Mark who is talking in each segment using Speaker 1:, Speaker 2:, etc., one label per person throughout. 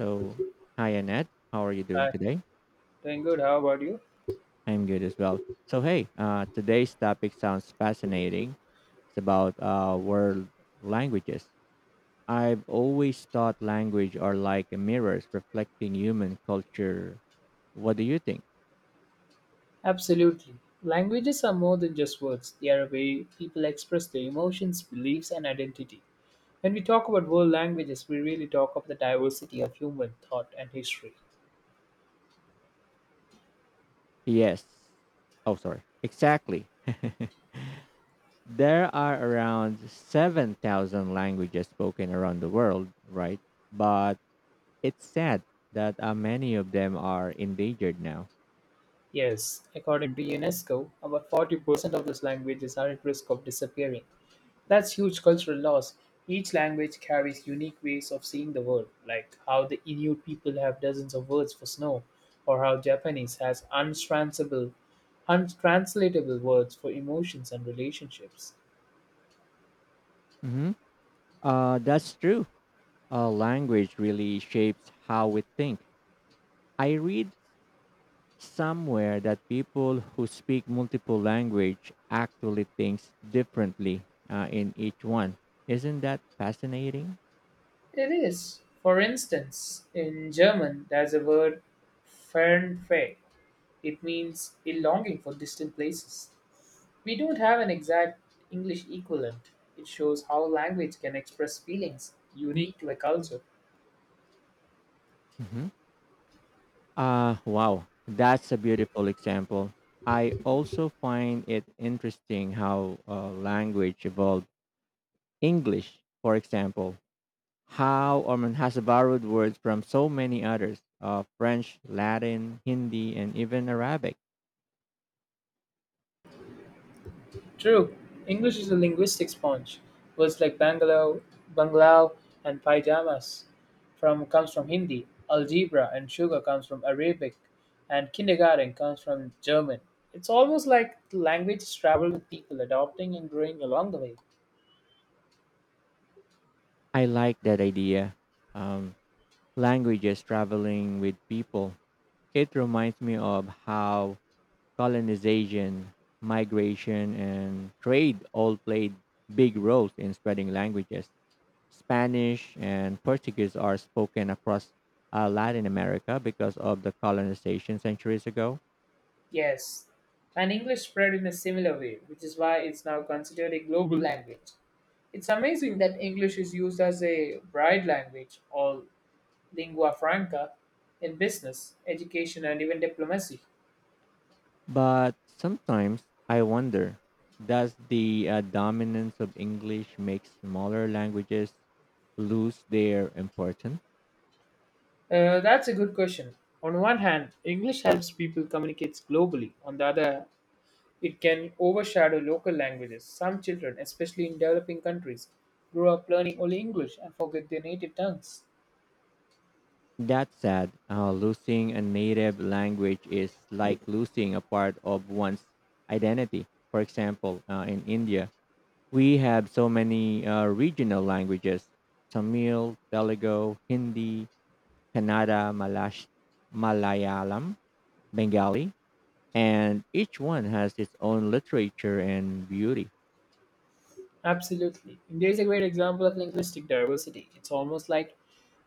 Speaker 1: So, hi Annette, how are you doing
Speaker 2: Hi,
Speaker 1: today?
Speaker 2: doing good. How about you?
Speaker 1: I'm good as well. So, hey, today's topic sounds fascinating. It's about world languages. I've always thought language are like mirrors reflecting human culture. What do you think?
Speaker 2: Absolutely. Languages are more than just words, they are a way people express their emotions, beliefs, and identity. When we talk about world languages, we really talk of the diversity of human thought and history.
Speaker 1: Yes. Oh, sorry. Exactly. There are around 7,000 languages spoken around the world, right? But it's sad that many of them are endangered now.
Speaker 2: Yes, according to UNESCO, about 40% of those languages are at risk of disappearing. That's huge cultural loss. Each language carries unique ways of seeing the world, like how the Inuit people have dozens of words for snow, or how Japanese has untranslatable words for emotions and relationships.
Speaker 1: Mhm. That's true. Language really shapes how we think. I read somewhere that people who speak multiple language actually thinks differently in each one. Isn't that fascinating?
Speaker 2: It is. For instance, in German, there's a word Fernweh. It means a longing for distant places. We don't have an exact English equivalent. It shows how language can express feelings unique to a culture.
Speaker 1: hmm wow, that's a beautiful example. I also find it interesting how language evolved. English, for example, How Ormond has borrowed words from so many others French, Latin, Hindi, and even Arabic.
Speaker 2: True, English is a linguistic sponge. Words like bungalow, and pyjamas from comes from Hindi. Algebra and sugar comes from Arabic, and kindergarten comes from German. It's almost like the language traveled with people, adopting and growing along the way.
Speaker 1: I like that idea. Um, Languages traveling with people. It reminds me of how colonization, migration, and trade all played big roles in spreading languages. Spanish and Portuguese are spoken across Latin America because of the colonization centuries ago.
Speaker 2: Yes, and English spread in a similar way, which is why it's now considered a global language. It's amazing that English is used as a bride language all lingua franca in business, education, and even diplomacy?
Speaker 1: But sometimes I wonder, does the dominance of English make smaller languages lose their importance?
Speaker 2: That's a good question. On one hand, English helps people communicate globally. On the other, it can overshadow local languages. Some children, especially in developing countries, grow up learning only English and forget their native tongues.
Speaker 1: That's sad. Losing a native language is like losing a part of one's identity. For example, in India, we have so many regional languages: Tamil, Telugu, Hindi, Kannada, Malash, Malayalam, Bengali, and each one has its own literature and beauty.
Speaker 2: Absolutely. India is a great example of linguistic diversity. It's almost like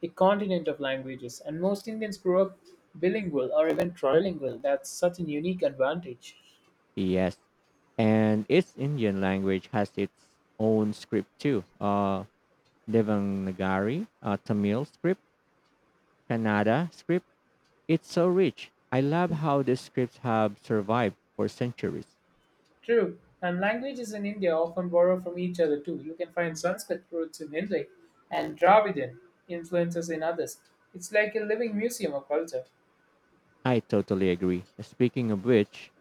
Speaker 2: a continent of languages, and most Indians grow up bilingual or even trilingual. That's such a unique advantage.
Speaker 1: Yes, and its Indian language has its own script too. Devanagari, Tamil script, Kannada script. It's so rich. I love how the scripts have survived for centuries.
Speaker 2: True, and languages in India often borrow from each other too. You can find Sanskrit roots in Hindi and Dravidian influences in others. It's like a living museum of culture.
Speaker 1: I totally agree. Speaking of which,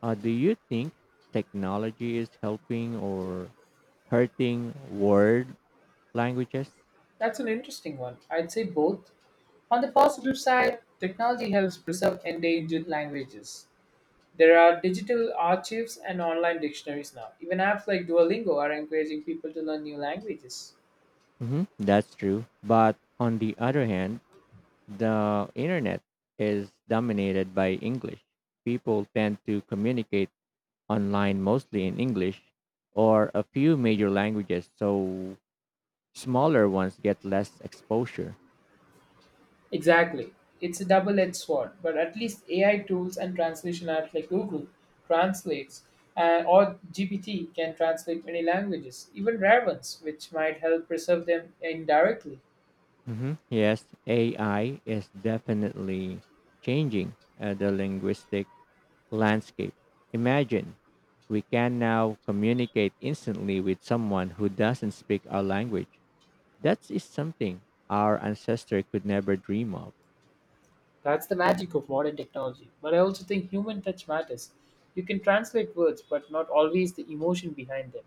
Speaker 1: do you think technology is helping or hurting world languages?
Speaker 2: That's an interesting one. I'd say both. On the positive side, technology helps preserve endangered languages. There are digital archives and online dictionaries now. Even apps like Duolingo are encouraging people to learn new languages.
Speaker 1: That's true. But on the other hand, the internet is dominated by English. People tend to communicate online mostly in English or a few major languages, so smaller ones get less exposure.
Speaker 2: Exactly. It's a double-edged sword, but at least AI tools and translation apps like Google translates or GPT can translate many languages, even rare ones, which might help preserve them indirectly.
Speaker 1: Yes, AI is definitely changing the linguistic landscape. Imagine we can now communicate instantly with someone who doesn't speak our language. That is something our ancestor could never dream of.
Speaker 2: That's the magic of modern technology. But I also think human touch matters. You can translate words, but not always the emotion behind them.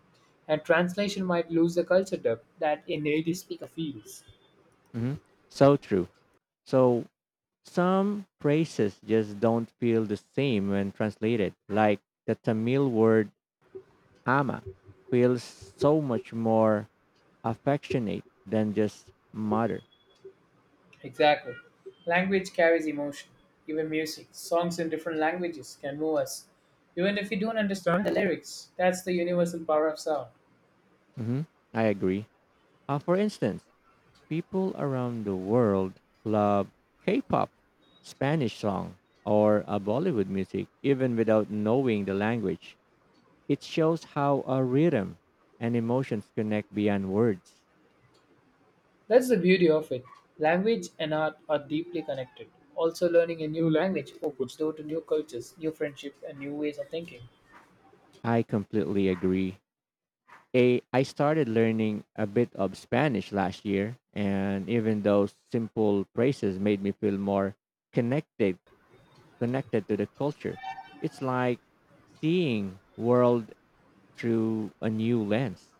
Speaker 2: And translation might lose the culture depth that a native speaker feels.
Speaker 1: hmm So true. So some phrases just don't feel the same when translated. Like the Tamil word ama feels so much more affectionate than just mother.
Speaker 2: Exactly. Language carries emotion. Even music, songs in different languages can move us, even if we don't understand the lyrics. That's the universal power of sound.
Speaker 1: hmm I agree. For instance, people around the world love K-pop, Spanish song, or Bollywood music, even without knowing the language. It shows how a rhythm and emotions connect beyond words.
Speaker 2: That's the beauty of it. Language and art are deeply connected. Also, learning a new language opens door to new cultures, new friendships, and new ways of thinking.
Speaker 1: I completely agree. A, I started learning a bit of Spanish last year, and even those simple phrases made me feel more connected connected to the culture. It's like seeing world through a new lens.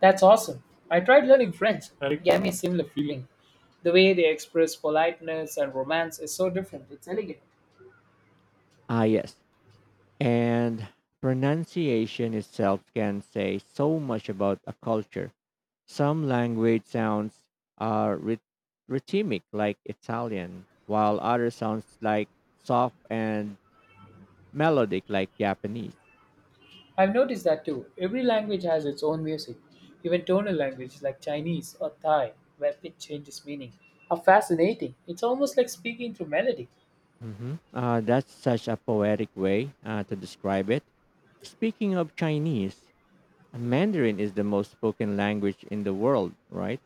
Speaker 2: That's awesome. I tried learning French, and it gave me a similar feeling. The way they express politeness and romance is so different. It's elegant.
Speaker 1: Ah, yes. And pronunciation itself can say so much about a culture. Some language sounds are rhythmic like Italian, while other sounds like soft and melodic like Japanese.
Speaker 2: I've noticed that too. Every language has its own music, even tonal languages like Chinese or Thai, where pitch changes meaning. How fascinating! It's almost like speaking through melody.
Speaker 1: That's such a poetic way to describe it. Speaking of Chinese, Mandarin is the most spoken language in the world, right?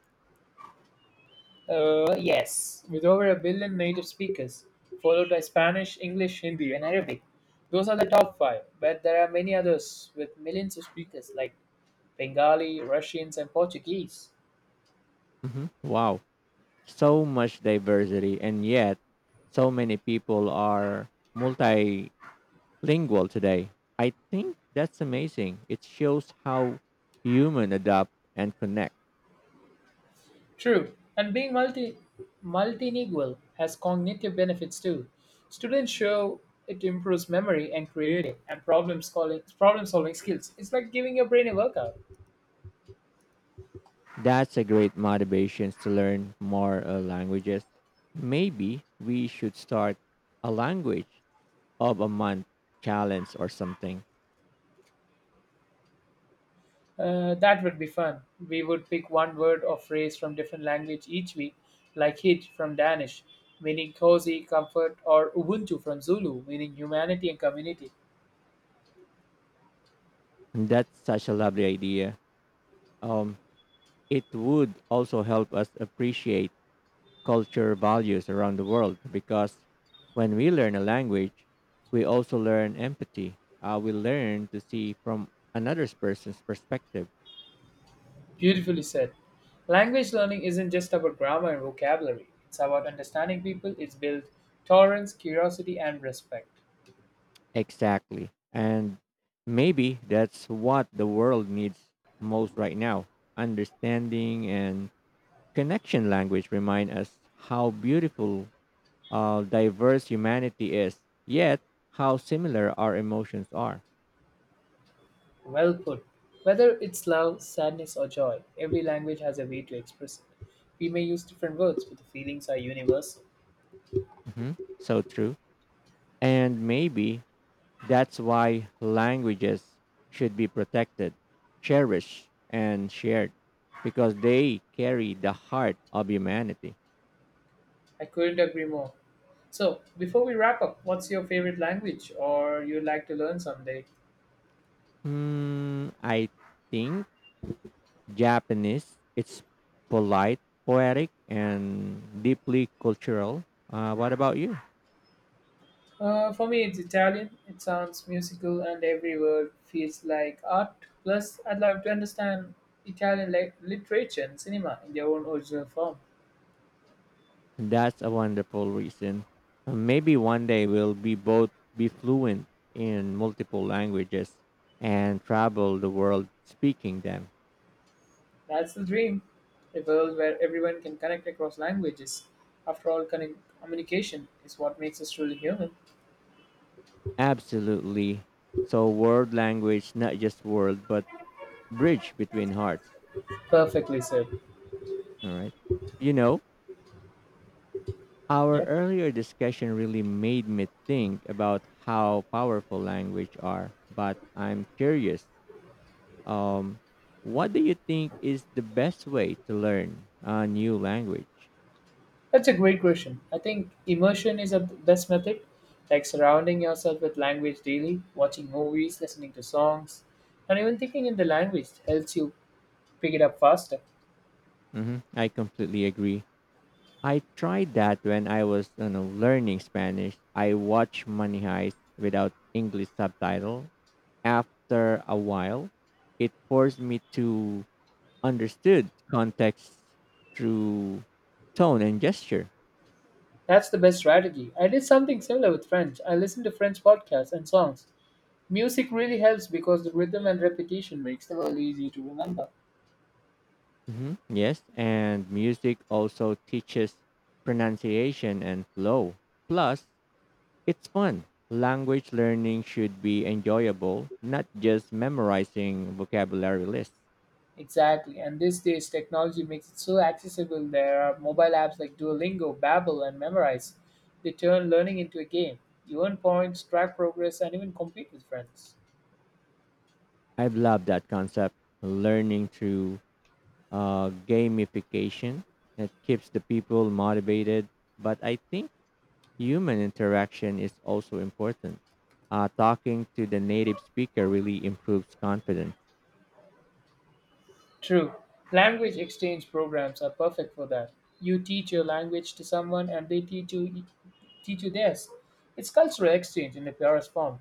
Speaker 2: Yes, with over a billion native speakers, followed by Spanish, English, Hindi, and Arabic. Those are the top five, but there are many others with millions of speakers like Bengali, Russians, and Portuguese.
Speaker 1: Wow. So much diversity, and yet so many people are multi lingual today. I think that's amazing. It shows how human adapt and connect.
Speaker 2: True, and being multilingual has cognitive benefits too. Students show it improves memory and creativity and problem solving skills. It's like giving your brain a workout.
Speaker 1: That's a great motivation to learn more languages. Maybe we should start a language of a month challenge or something.
Speaker 2: That would be fun. We would pick one word or phrase from different language each week, like "hit" from Danish, meaning cozy, comfort, or Ubuntu from Zulu, meaning humanity and community.
Speaker 1: And that's such a lovely idea. Um, it would also help us appreciate culture values around the world because when we learn a language, we also learn empathy. We learn to see from another person's perspective.
Speaker 2: Beautifully said. Language learning isn't just about grammar and vocabulary, it's about understanding people, it's built tolerance, curiosity, and respect.
Speaker 1: Exactly. And maybe that's what the world needs most right now. Understanding and connection language remind us how beautiful, diverse humanity is, yet how similar our emotions are.
Speaker 2: Well put. Whether it's love, sadness, or joy, every language has a way to express it. We may use different words, but the feelings are universal.
Speaker 1: hmm So true. And maybe that's why languages should be protected, cherished, and shared, because they carry the heart of humanity.
Speaker 2: I couldn't agree more. So, before we wrap up, what's your favorite language or you'd like to learn someday?
Speaker 1: Hmm, I think Japanese. It's polite, poetic, and deeply cultural. What about you?
Speaker 2: For me, it's Italian. It sounds musical, and every word feels like art. Plus, I'd love to understand Italian literature and cinema in their own original form.
Speaker 1: That's a wonderful reason. Maybe one day we'll be both be fluent in multiple languages and travel the world speaking them.
Speaker 2: That's the dream. A world where everyone can connect across languages. After all, communication is what makes us truly human.
Speaker 1: Absolutely. So world language, not just world, but bridge between hearts.
Speaker 2: Perfectly said.
Speaker 1: All right. You know, our
Speaker 2: Yeah.
Speaker 1: earlier discussion really made me think about how powerful language are, but I'm curious. Um, what do you think is the best way to learn a new language?
Speaker 2: That's a great question. I think immersion is a best method, like surrounding yourself with language daily, watching movies, listening to songs, and even thinking in the language helps you pick it up faster.
Speaker 1: I completely agree. I tried that when I was, you know, learning Spanish. I watched Money Heist without English subtitle. After a while, it forced me to understood context through tone and gesture.
Speaker 2: That's the best strategy. I did something similar with French. I listened to French podcasts and songs. Music really helps because the rhythm and repetition makes the word easy to remember.
Speaker 1: Yes, and music also teaches pronunciation and flow. Plus, it's fun. Language learning should be enjoyable, not just memorizing vocabulary lists.
Speaker 2: Exactly. And these days, technology makes it so accessible. There are mobile apps like Duolingo, Babbel, and Memrise. They turn learning into a game. You earn points, track progress, and even compete with friends.
Speaker 1: I love that concept. Learning through gamification. It keeps the people motivated, but I think human interaction is also important. Talking to the native speaker really improves confidence.
Speaker 2: True. Language exchange programs are perfect for that. You teach your language to someone and they teach you theirs. It's cultural exchange in the purest form.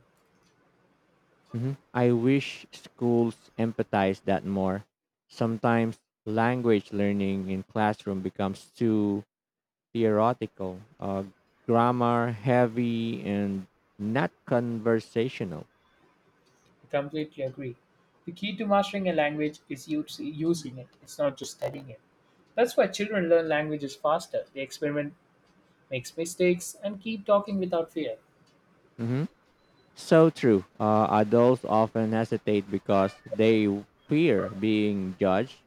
Speaker 1: I wish schools empathize that more. Sometimes language learning in classroom becomes too theoretical, grammar heavy, and not conversational.
Speaker 2: I completely agree. The key to mastering a language is using it. It's not just studying it. That's why children learn languages faster. They experiment, makes mistakes, and keep talking without fear.
Speaker 1: hmm So true. Adults often hesitate because they fear being judged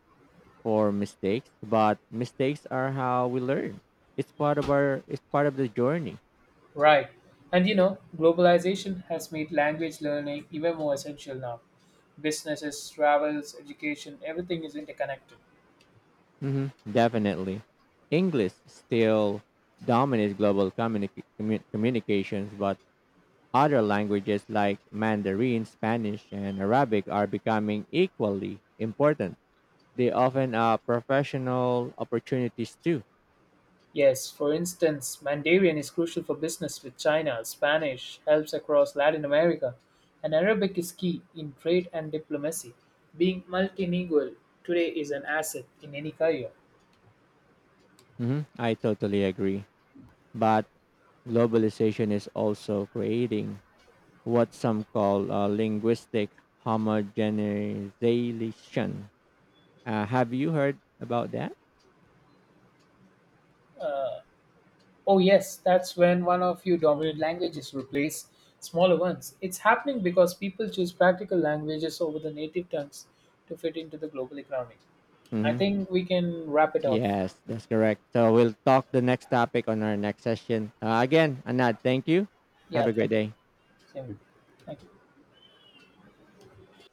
Speaker 1: for mistakes, but mistakes are how we learn. It's part of our it's part of the journey.
Speaker 2: Right. And you know, globalization has made language learning even more essential now. Businesses, travels, education, everything is interconnected.
Speaker 1: Definitely. English still dominates global communications, but other languages like Mandarin, Spanish, and Arabic are becoming equally important. They often are professional opportunities too.
Speaker 2: Yes, for instance, Mandarin is crucial for business with China, Spanish helps across Latin America, and Arabic is key in trade and diplomacy. Being multilingual today is an asset in any career.
Speaker 1: I totally agree. But globalization is also creating what some call linguistic homogenization. Have you heard about that?
Speaker 2: Oh, yes, that's when one of your dominant languages replace smaller ones. It's happening because people choose practical languages over the native tongues to fit into the global economy. I
Speaker 1: hmm
Speaker 2: think we can wrap it off.
Speaker 1: Yes, that's correct. So we'll talk the next topic on our next session. Again, Anad, thank you. Have
Speaker 2: Yeah,
Speaker 1: a great
Speaker 2: thank you.
Speaker 1: day.
Speaker 2: Same. Thank you.